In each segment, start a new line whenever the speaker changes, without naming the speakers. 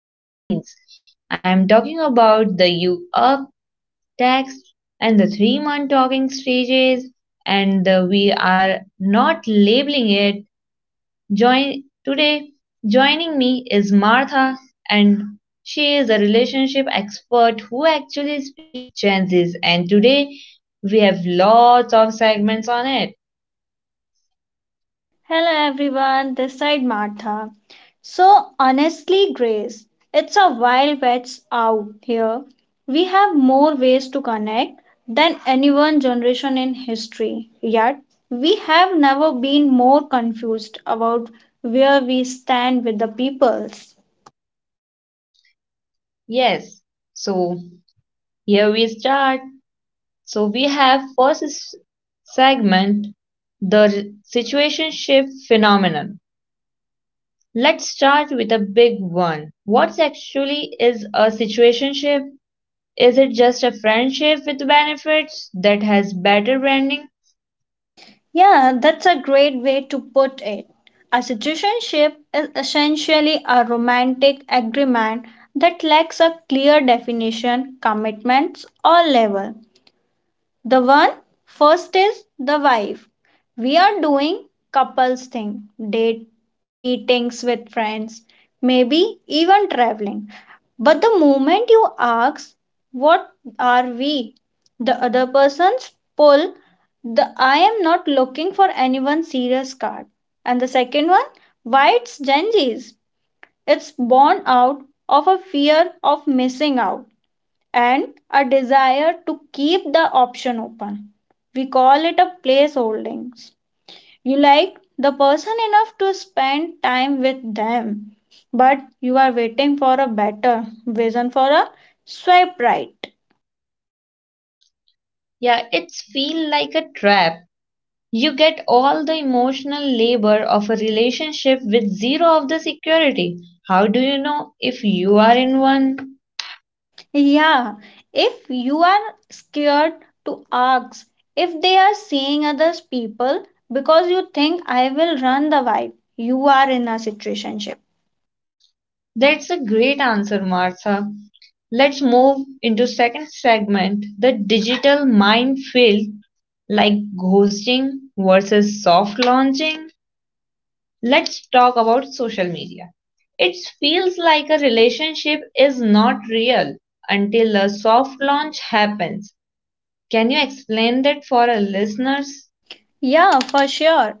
dating scenes. I am talking about the you up text and the 3 month talking stages, and the we are not labeling it. Join today. Joining me is Martha, and she is a relationship expert who actually speaks Gen Z's. And today we have lots of segments on it.
Hello everyone, this side Martha. So honestly, Grace, it's a wild west out here. We have more ways to connect than any one generation in history. Yet we have never been more confused about where we stand with the peoples.
Yes, so here we start. So we have segment, the situationship phenomenon. Let's start with a big one. What actually is a situationship? Is it just a friendship with benefits that has better branding?
Yeah, that's a great way to put it. A citizenship is essentially a romantic agreement that lacks a clear definition, commitments, or level. The one first is the wife. We are doing couples thing, date, meetings with friends, maybe even traveling. But the moment you ask, what are we? The other person's pull the I am not looking for anyone serious card. And the second one, why it's Gen Z's. It's born out of a fear of missing out and a desire to keep the option open. We call it a place. You like the person enough to spend time with them, but you are waiting for a better vision for a swipe right.
Yeah, it's feel like a trap. You get all the emotional labor of a relationship with zero of the security. How do you know if you are in one?
Yeah, if you are scared to ask if they are seeing other people because you think I will run the vibe, you are in a situationship.
That's a great answer, Martha. Let's move into second segment, the digital minefield like ghosting versus soft launching. Let's talk about social media. It feels like a relationship is not real until a soft launch happens. Can you explain that for our listeners?
Yeah, for sure.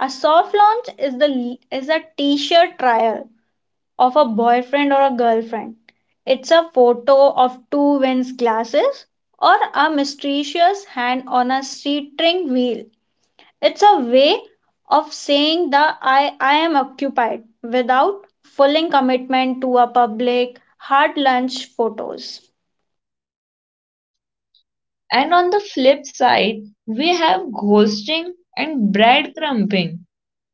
A soft launch is the is a t-shirt trial of a boyfriend or a girlfriend. It's a photo of two wins glasses or a mysterious hand on a string wheel. It's a way of saying that I am occupied without fulling commitment to a public hard lunch photos.
And on the flip side, we have ghosting and breadcrumbing.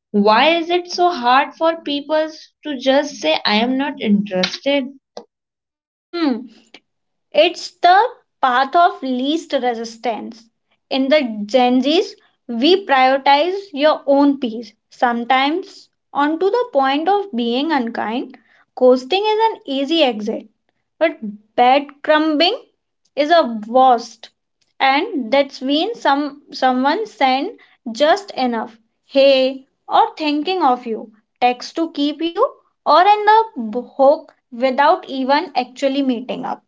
Why is it so hard for people to just say I am not interested?
Hmm. It's the path of least resistance. In the Gen Z's, we prioritize your own peace, sometimes onto the point of being unkind. Coasting is an easy exit, but breadcrumbing is a worst. And that's when someone send just enough, hey, or thinking of you, text to keep you, or in the hook without even actually meeting up.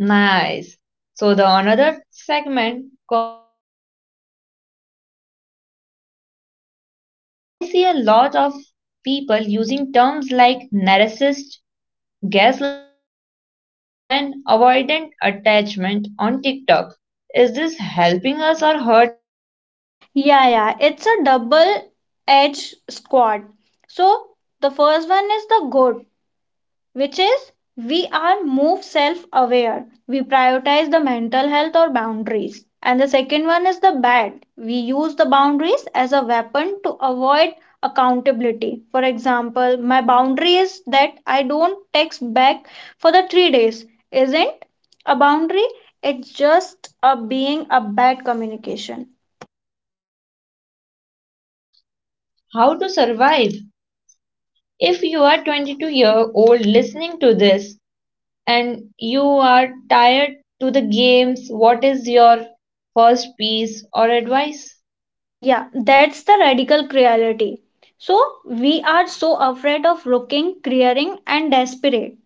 Nice. So the another segment called the healing and the therapy speaks. I see a lot of people using terms like narcissist, gaslighting, and avoidant attachment on TikTok. Is this helping us or hurting us?
Yeah, yeah, it's a double edged squad. So, the first one is the good, which is we are more self aware. We prioritize the mental health or boundaries. And the second one is the bad. We use the boundaries as a weapon to avoid accountability. For example, my boundary is that I don't text back for the 3 days. Isn't a boundary, it's just a being a bad communication.
How to survive? If you are 22-year-old listening to this, and you are tired to the games, what is your first piece or advice?
Yeah, that's the radical cruelty. So we are so afraid of looking clearing and desperate.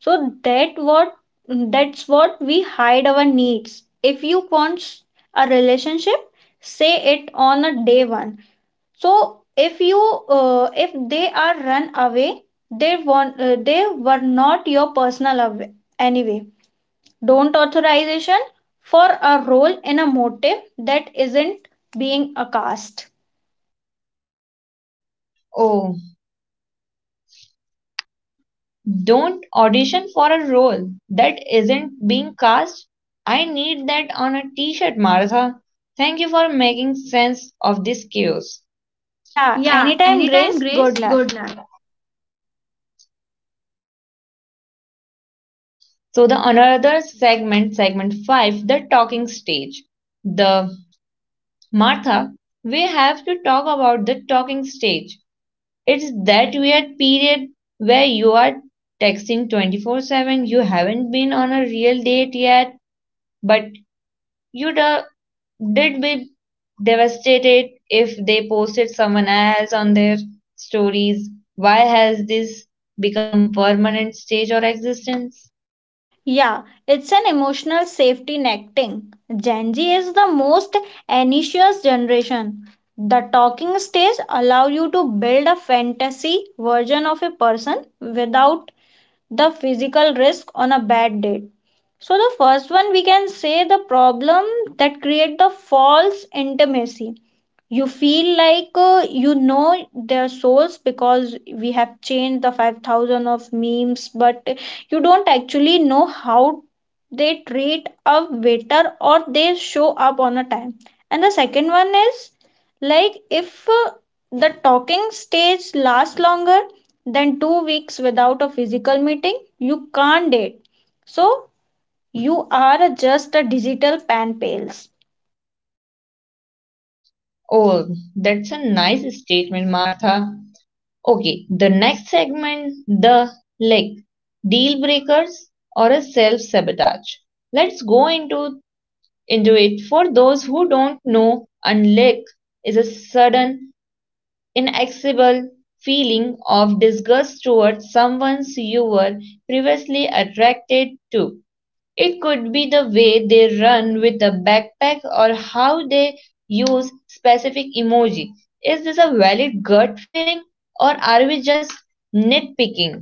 So that's what we hide our needs. If you want a relationship, say it on a day one. So if you if they are run away, they want they were not your personal away, anyway. Don't authorization for a role in a motive that isn't being a cast.
Oh, don't audition for a role that isn't being cast. I need that on a t shirt, Martha. Thank you for making sense of this chaos.
Yeah,
Yeah,
anytime,
anytime,
Grace.
Grace.
Good luck.
Good luck. So the another segment, segment five, the talking stage. The Martha, we have to talk about the talking stage. It's that weird period where you are texting 24/7. You haven't been on a real date yet, but you da- did be devastated if they posted someone else on their stories. Why has this become a permanent stage or existence?
Yeah, it's an emotional safety net thing. Gen Z is the most anxious generation. The talking stage allow you to build a fantasy version of a person without the physical risk on a bad date. So the first one we can say the problem that create the false intimacy. You feel like you know their souls because we have changed the 5,000 of memes, but you don't actually know how they treat a waiter or they show up on a time. And the second one is like if the talking stage lasts longer than 2 weeks without a physical meeting, you can't date. So you are just a digital pan pals.
Oh, that's a nice statement, Martha. Okay, the next segment, the like deal breakers or a self sabotage. Let's go into it. For those who don't know, unlick is a sudden, inexplicable feeling of disgust towards someone you were previously attracted to. It could be the way they run with a backpack or how they use specific emoji. Is this a valid gut feeling or are we just nitpicking?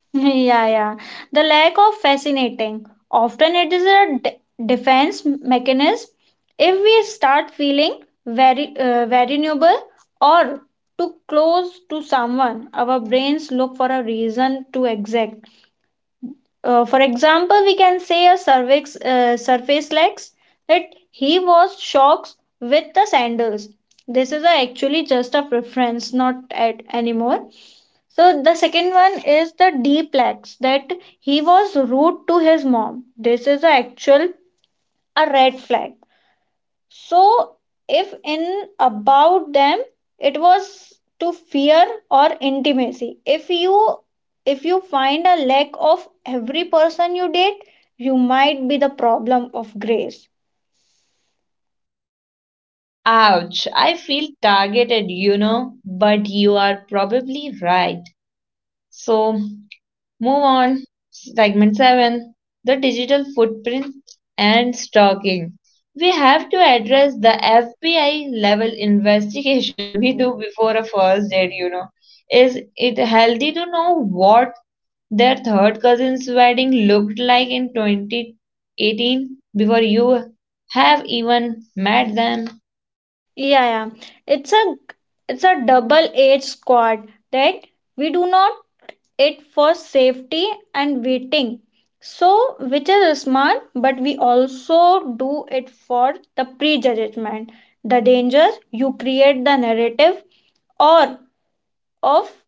Yeah, yeah. The lack of fascinating. Often it is a defense mechanism. If we start feeling very vulnerable or too close to someone, our brains look for a reason to exact. For example, we can say a surface legs that he was shocked with the sandals. This is a actually just a preference, not at anymore. So the second one is the deplex that he was rude to his mom. This is a actual a red flag. So if in about them it was to fear or intimacy. If you find a lack of every person you date, you might be the problem of Grace.
Ouch, I feel targeted, you know, but you are probably right. So, move on. Segment 7, the digital footprint and stalking. We have to address the FBI level investigation we do before a first date, you know. Is it healthy to know what their third cousin's wedding looked like in 2018 before you have even met them?
Yeah, yeah. It's a it's a double-edged sword that we do not it for safety and waiting, so which is smart, but we also do it for the prejudgment. The danger you create the narrative or of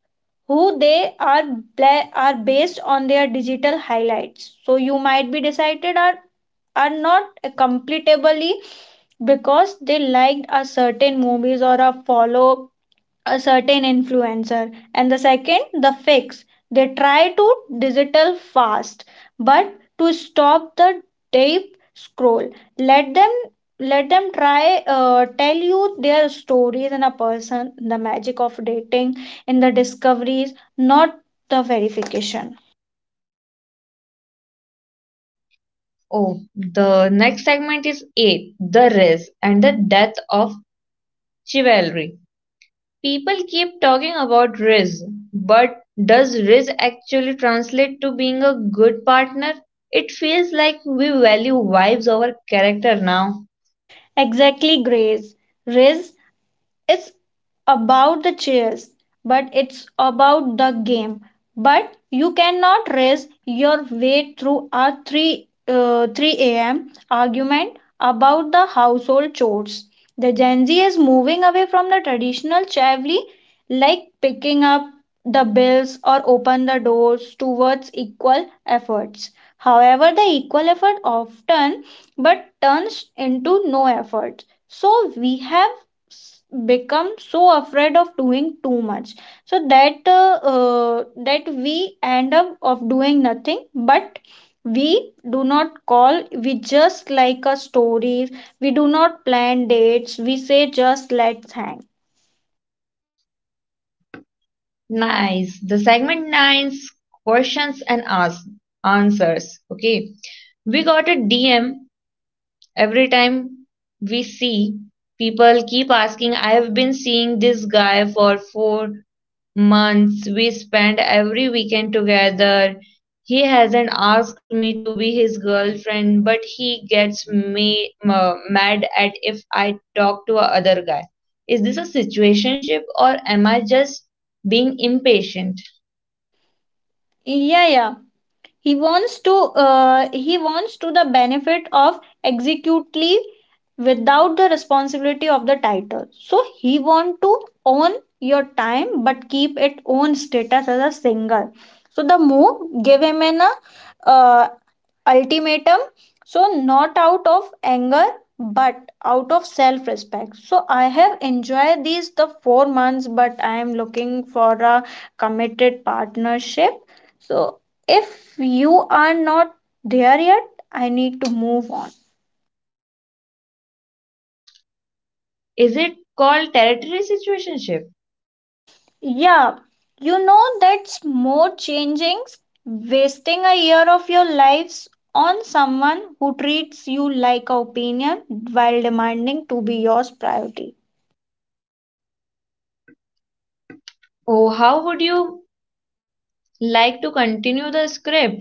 who they are are based on their digital highlights, so you might be decided are not completably because they liked a certain movies or a follow a certain influencer. And the second the fix, they try to digital fast, but to stop the deep scroll, let them let them try tell you their stories and a person the magic of dating in the discoveries, not the verification.
Oh, the next segment is 8, the rise and the death of chivalry. People keep talking about risk, but does risk actually translate to being a good partner? It feels like we value vibes over character now.
Exactly, Grace. Riz, it's about the chairs, but it's about the game. But you cannot race your way through a 3 a.m. argument about the household chores. The Gen Z is moving away from the traditional chivalry like picking up the bills or open the doors towards equal efforts. However, the equal effort often but turns into no effort. So we have s- become so afraid of doing too much so that we end up of doing nothing, but we do not call, we just like a story, we do not plan dates, we say just let's hang.
Nice. The segment 9's questions and ask, answers. Okay. We got a DM. Every time we see, people keep asking, I have been seeing this guy for 4 months. We spend every weekend together. He hasn't asked me to be his girlfriend, but he gets mad at if I talk to a other guy. Is this a situationship or am I just being impatient?
Yeah, yeah, he wants to he wants to the benefit of executely without the responsibility of the title, so he want to own your time but keep it own status as a singer. So the move give him an uh, ultimatum, so not out of anger but out of self respect. So I have enjoyed these the 4 months, but I am looking for a committed partnership. So if you are not there yet, I need to move on.
Is it called territory situationship?
Yeah, you know that's more changings wasting a year of your lives on someone who treats you like a opinion while demanding to be your priority.
Oh, how would you like to continue the script?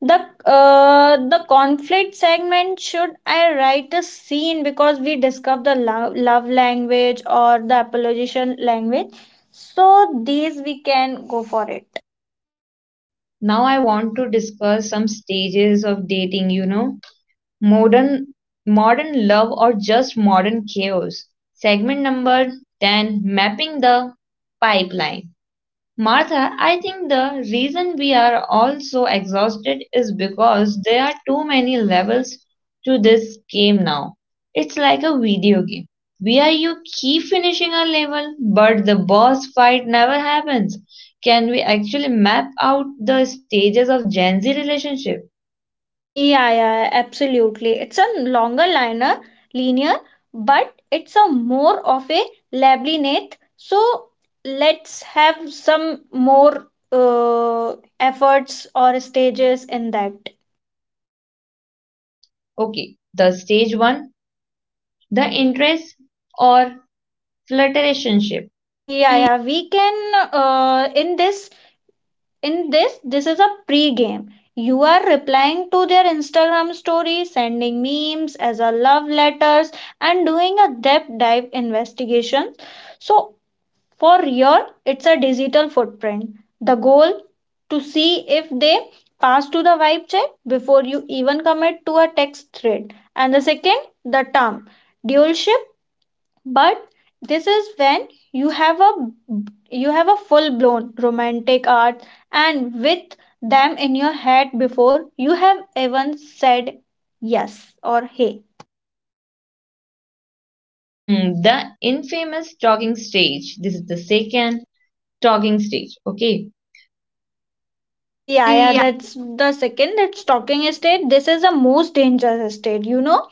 the the conflict segment, should I write a scene because we discussed the love, love language or the apologization language? So these we can go for it.
Now I want to discuss some stages of dating, you know, modern modern love or just modern chaos. Segment number 10, mapping the pipeline. Martha, I think the reason we are all so exhausted is because there are too many levels to this game now. It's like a video game where you keep finishing a level, but the boss fight never happens. Can we actually map out the stages of Gen Z relationship?
Yeah, yeah, absolutely. It's a longer liner linear, but it's a more of a labyrinth. So let's have some more efforts or stages in that.
Okay, the stage one, the interest or flirtationship.
Yeah, yeah, we can, uh, in this in this this is a pre-game. You are replying to their Instagram stories, sending memes as a love letters, and doing a depth dive investigation. So for your it's a digital footprint. The goal to see if they pass to the vibe check before you even commit to a text thread. And the second the term dualship, but this is when you have a full blown romantic art and with them in your head before you have even said yes or hey.
Hmm, the infamous talking stage. This is the second talking stage. Okay.
Yeah, yeah, that's the second that's talking state. This is the most dangerous state, you know,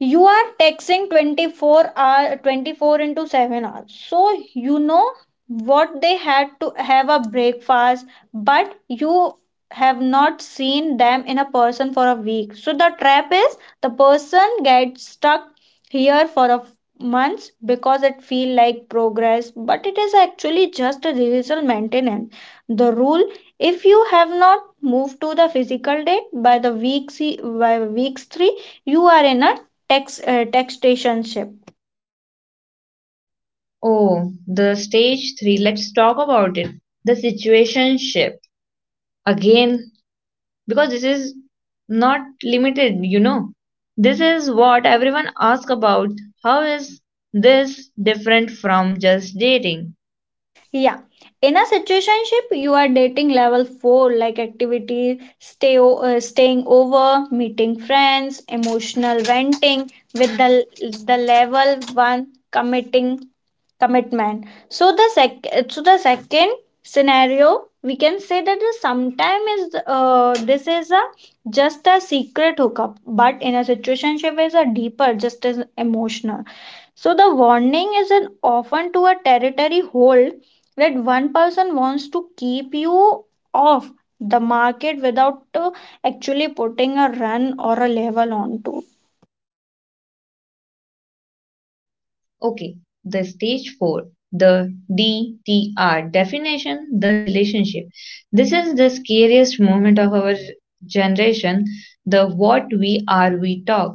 you are texting 24 hour 24 into 7 hours. So you know what they had to have a breakfast, but you have not seen them in a person for a week. So the trap is the person gets stuck here for a months because it feel like progress, but it is actually just a digital maintenance. The rule, if you have not moved to the physical date by the by weeks 3, you are in a textationship.
Oh, the stage three. Let's talk about it. The situationship. Again, because this is not limited, you know. This is what everyone asks about. How is this different from just dating?
Yeah, in a situationship you are dating level 4 like activity staying over, meeting friends, emotional venting with the level 1 committing commitment. so the sec so the second scenario, we can say that the sometime is this is a just a secret hookup, but in a situationship is a deeper just as emotional. So the warning is an often to a territory hold that one person wants to keep you off the market without actually putting a run or a level onto.
Okay, the stage four, the DTR definition, the relationship. This is the scariest moment of our generation, the what we talk.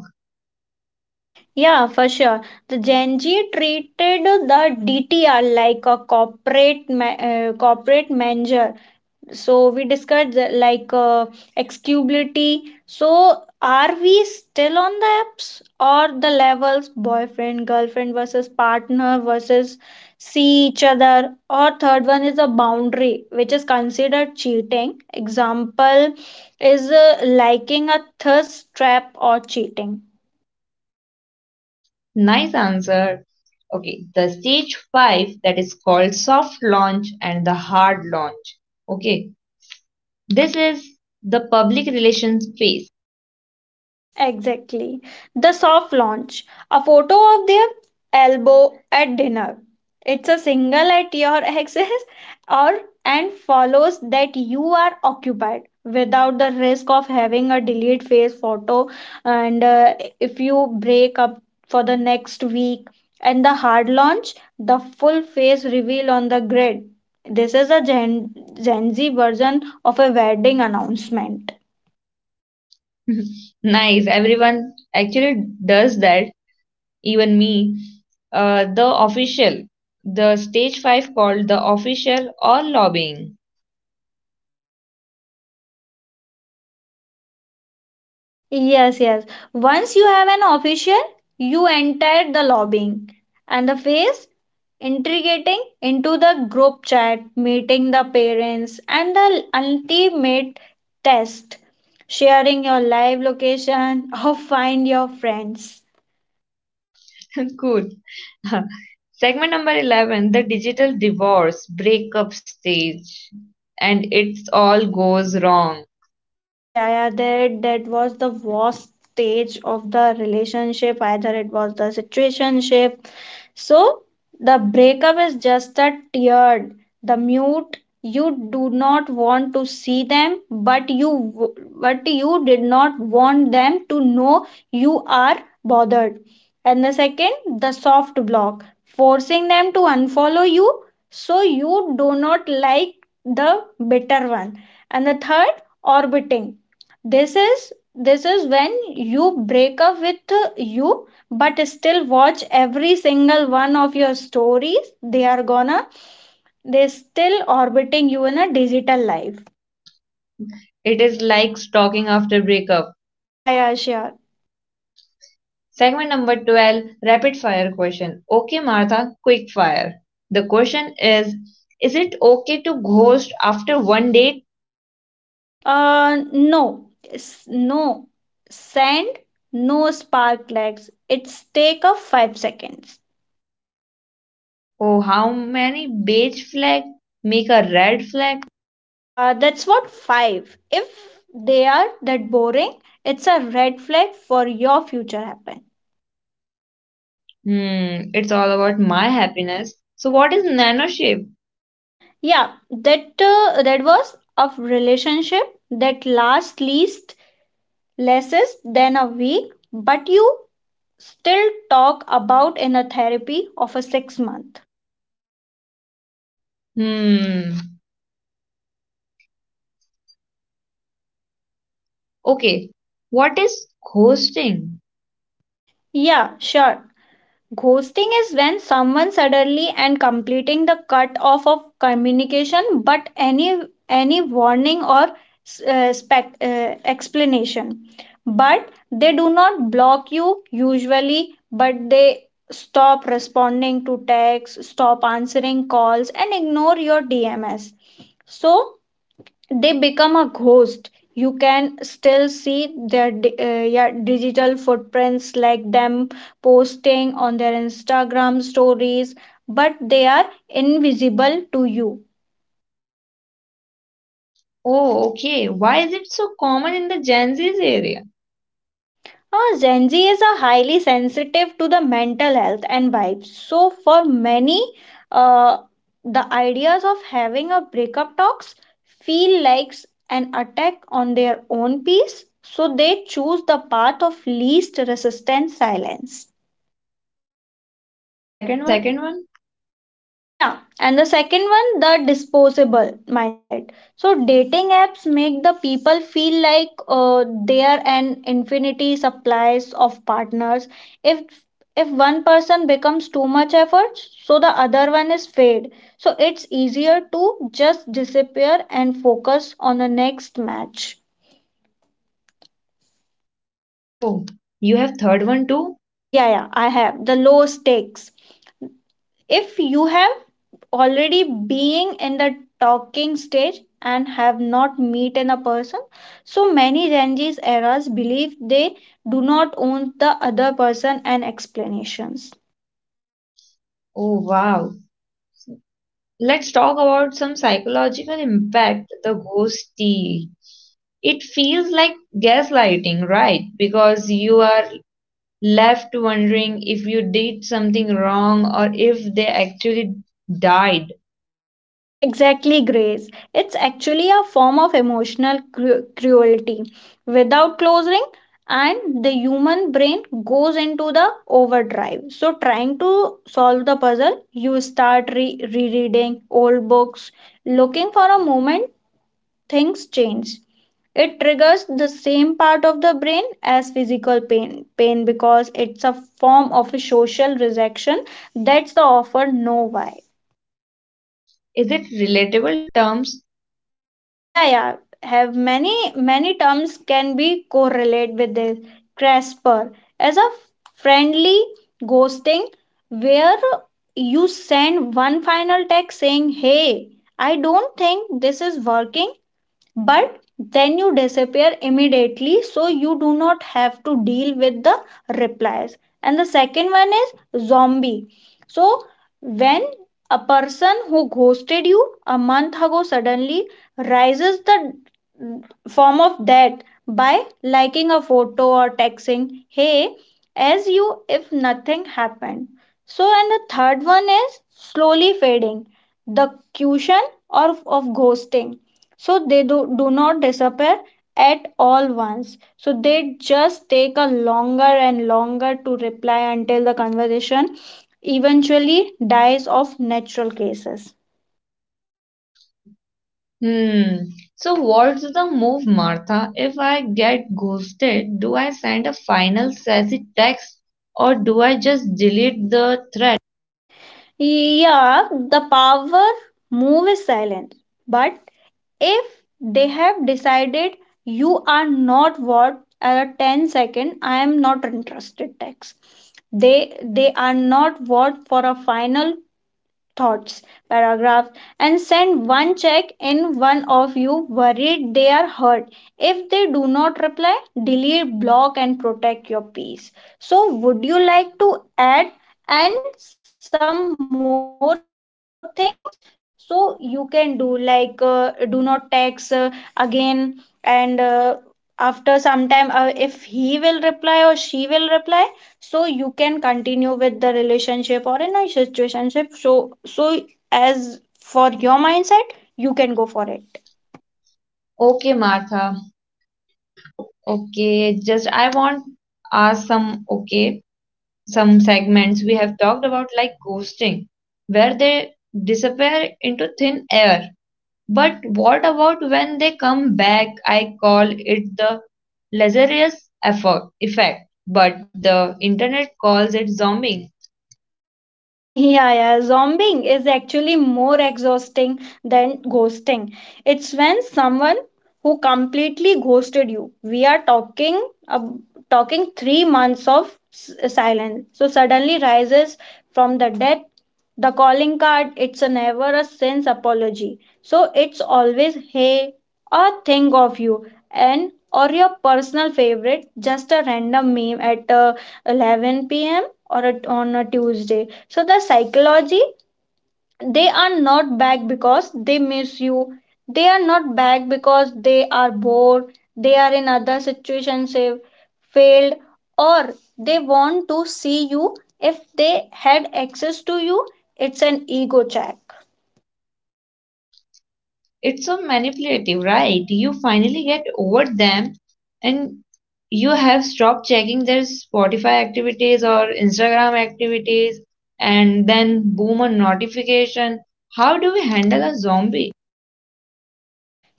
Yeah, for sure. The Gen Z treated the DTR like a corporate manager. So we discussed like excubability. So are we still on the apps or the levels boyfriend girlfriend versus partner versus see each other, or third one is a boundary which is considered cheating, example is liking a thirst trap or cheating.
Nice answer. Okay, the stage five that is called soft launch and the hard launch. Okay, this is the public relations phase.
Exactly. The soft launch. A photo of their elbow at dinner. It's a signal at your access or and follows that you are occupied without the risk of having a delete phase photo and if you break up for the next week. And the hard launch, the full face reveal on the grid, this is a gen z version of a wedding announcement.
Nice, everyone actually does that, even me. The official, the stage five called the official or lobbying.
Yes, yes. Once you have an official, you enter the lobbying and the phase integrating into the group chat, meeting the parents, and the ultimate test sharing your live location or find your friends.
Cool. Segment number 11, the digital divorce breakup stage, and it's all goes wrong.
Yeah, yeah, that was the worst stage of the relationship. Either it was the situationship. So the breakup is just a tear, the mute. You do not want to see them, but but you did not want them to know you are bothered. And the second, the soft block, forcing them to unfollow you so you do not like the bitter one. And the third, orbiting. This is when you break up with you but still watch every single one of your stories they are gonna they're still orbiting you in a digital life.
It is like stalking after breakup.
Mm, yeah, yeah, sure.
Segment number 12, rapid fire question. Okay, Martha, quick fire. The question is it okay to ghost after one date?
No. No, send. No spark legs, it's take a 5 seconds.
Oh, how many beige flag make a red flag?
That's what five, if they are that boring, it's a red flag for your future happen.
Hmm, it's all about my happiness. So, what is nano shape?
Yeah, that was of relationship that last least less than a week, but you still talk about in a therapy of a 6 month.
Hmm, okay. What is ghosting?
Yeah, sure. Ghosting is when someone suddenly and completing the cut off of communication, but any warning or uh, spec, uh, explanation. But they do not block you usually, but they stop responding to texts, stop answering calls, and ignore your DMS. So they become a ghost, you can still see their digital footprints like them posting on their Instagram stories, but they are invisible to you.
Oh, okay. Why is it so common in the Gen Z's area?
Gen Z is a highly sensitive to the mental health and vibes. So for many, uh, the ideas of having a breakup talks feel like an attack on their own peace. So they choose the path of least resistance silence. And the
And the
second one?
second one?
Yeah, and the second one, the disposable mindset. So, dating apps make the people feel like they are an infinity supplies of partners. If if one person becomes too much effort, so the other one is fade. So it's easier to just disappear and focus on the next match.
Oh, you have third one too?
Yeah, yeah, I have the low stakes. If you have already being in the talking stage and have not met in a person, so many Gen Z's eras believe they do not own the other person and explanations.
Oh wow. Let's talk about some psychological impact the ghosty. It feels like gaslighting, right? Because you are left wondering if you did something wrong or if they actually died.
Exactly, Grace, it's actually a form of emotional cruelty without closing. And the human brain goes into the overdrive, so trying to solve the puzzle, you start rereading old books looking for a moment things change. It triggers the same part of the brain as physical pain because it's a form of a social rejection. That's the offer, no why.
Is it relatable terms?
Yeah, yeah. Have many terms can be correlate with this. CRESPR as a friendly ghosting, where you send one final text saying, "Hey, I don't think this is working," but then you disappear immediately so you do not have to deal with the replies. And the second one is zombie. So when a person who ghosted you a month ago suddenly rises the form of that by liking a photo or texting hey as you if nothing happened. So and the third one is slowly fading, the cushion or of ghosting, so they do not disappear at all once, so they just take a longer and longer to reply until the conversation eventually dies of natural cases.
Hmm. So what's the move, Martha? If I get ghosted, do I send a final sassy text or do I just delete the thread?
Yeah, the power move is silent, but if they have decided you are not worth at a 10 second, I am not interested text, they they are not worth for a final thoughts paragraph. And send one check in one of you worried they are hurt, if they do not reply, delete, block, and protect your peace. So would you like to add and some more things so you can do, like do not text again, and after some time, if he will reply or she will reply, so you can continue with the relationship or in a situationship, so as for your mindset, you can go for it.
Okay, Martha. Okay, just I want ask some okay some segments we have talked about like ghosting, where they disappear into thin air. But what about when they come back? I call it the Lazarus effort effect, but the internet calls it zombieing.
Yeah, yeah, zombing is actually more exhausting than ghosting. It's when someone who completely ghosted you. We are talking ab- talking 3 months of silence. So suddenly rises from the dead. The calling card, it's a never a sense apology, so it's always hey or think of you, and or your personal favorite, just a random meme at 11 p.m. or at on a Tuesday. So the psychology, they are not back because they miss you, they are not back because they are bored, they are in other situations have failed, or they want to see you if they had access to you. It's an ego check.
It's so manipulative, right? You finally get over them and you have stopped checking their Spotify activities or Instagram activities, and then boom, a notification. How do we handle a zombie?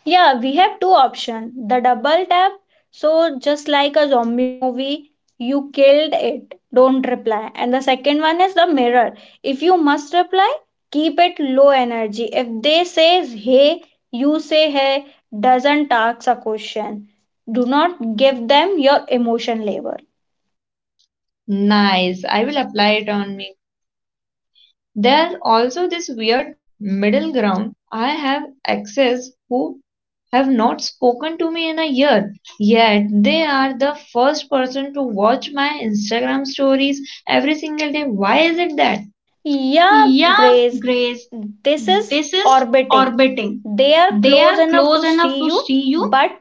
Yeah, we have two options. The double tap. So just like a zombie movie, you killed it. Don't reply. And the second one is the mirror. If you must reply, keep it low energy. If they says hey, you say hey. Doesn't ask a question. Do not give them your emotion labor.
Nice, I will apply it on me. There's also this weird middle ground. I have access. Who have not spoken to me in a year, yet they are the first person to watch my Instagram stories every single day. Why is it that?
Yeah, Grace, this is orbiting. They are close enough to see you, but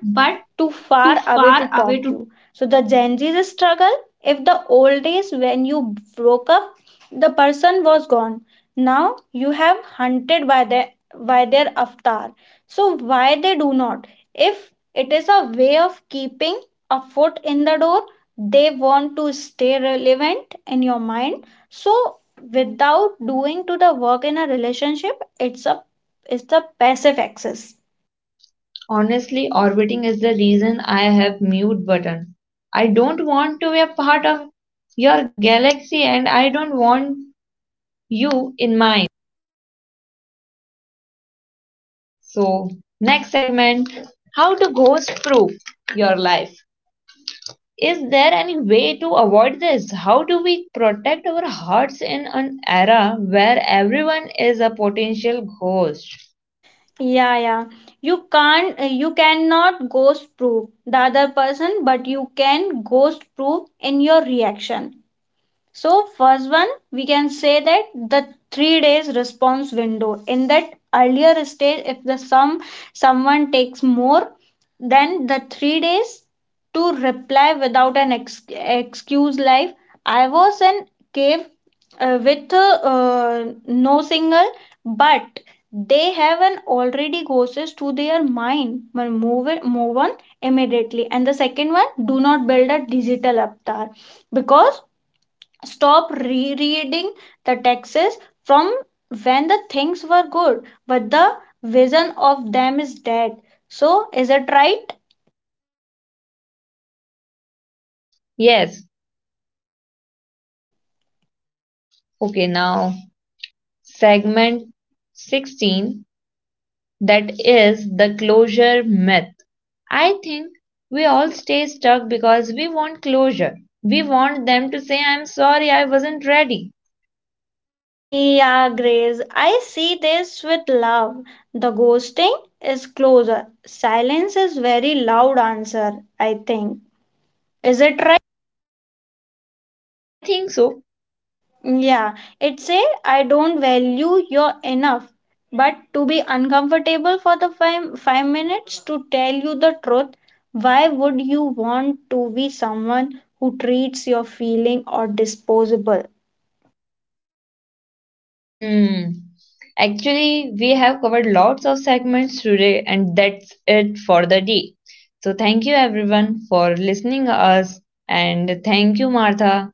too far away to talk you. So the Gen Z's struggle, if the old days when you broke up, the person was gone. Now you have hunted by their avatar. So why they do not? If it is a way of keeping a foot in the door, they want to stay relevant in your mind. So without doing to the work in a relationship, it's the passive access.
Honestly, orbiting is the reason I have mute button. I don't want to be a part of your galaxy and I don't want you in mine. So, next segment, how to ghost proof your life. Is there any way to avoid this? How do we protect our hearts in an era where everyone is a potential ghost?
Yeah, yeah, you cannot ghost proof the other person, but you can ghost proof in your reaction. So, first one, we can say that the 3 days response window. In that earlier stage, if the some someone takes more than the 3 days to reply without an excuse like I was in cave with no signal, but they have an already ghosted to their mind. Well, move on immediately. And the second one, do not build a digital avatar because stop rereading the texts from when the things were good, but the vision of them is dead. So, is it right?
Yes. Okay, now segment 16 that is the closure myth. I think we all stay stuck because we want closure. We want them to say, I'm sorry, I wasn't ready.
Yeah, Grace, I see this with love. The ghosting is closer. Silence is very loud answer, I think. Is it right?
I think so.
Yeah, it's a I don't value your enough. But to be uncomfortable for the five minutes to tell you the truth, why would you want to be someone who treats your feeling or disposable?
Hmm. Actually, we have covered lots of segments today, and that's it for the day. So, thank you everyone for listening us, and thank you, Martha.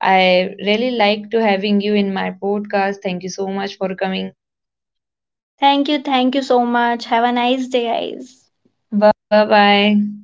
I really like to having you in my podcast. Thank you so much for coming.
Thank you so much. Have a nice day, guys. Bye.
Bye bye.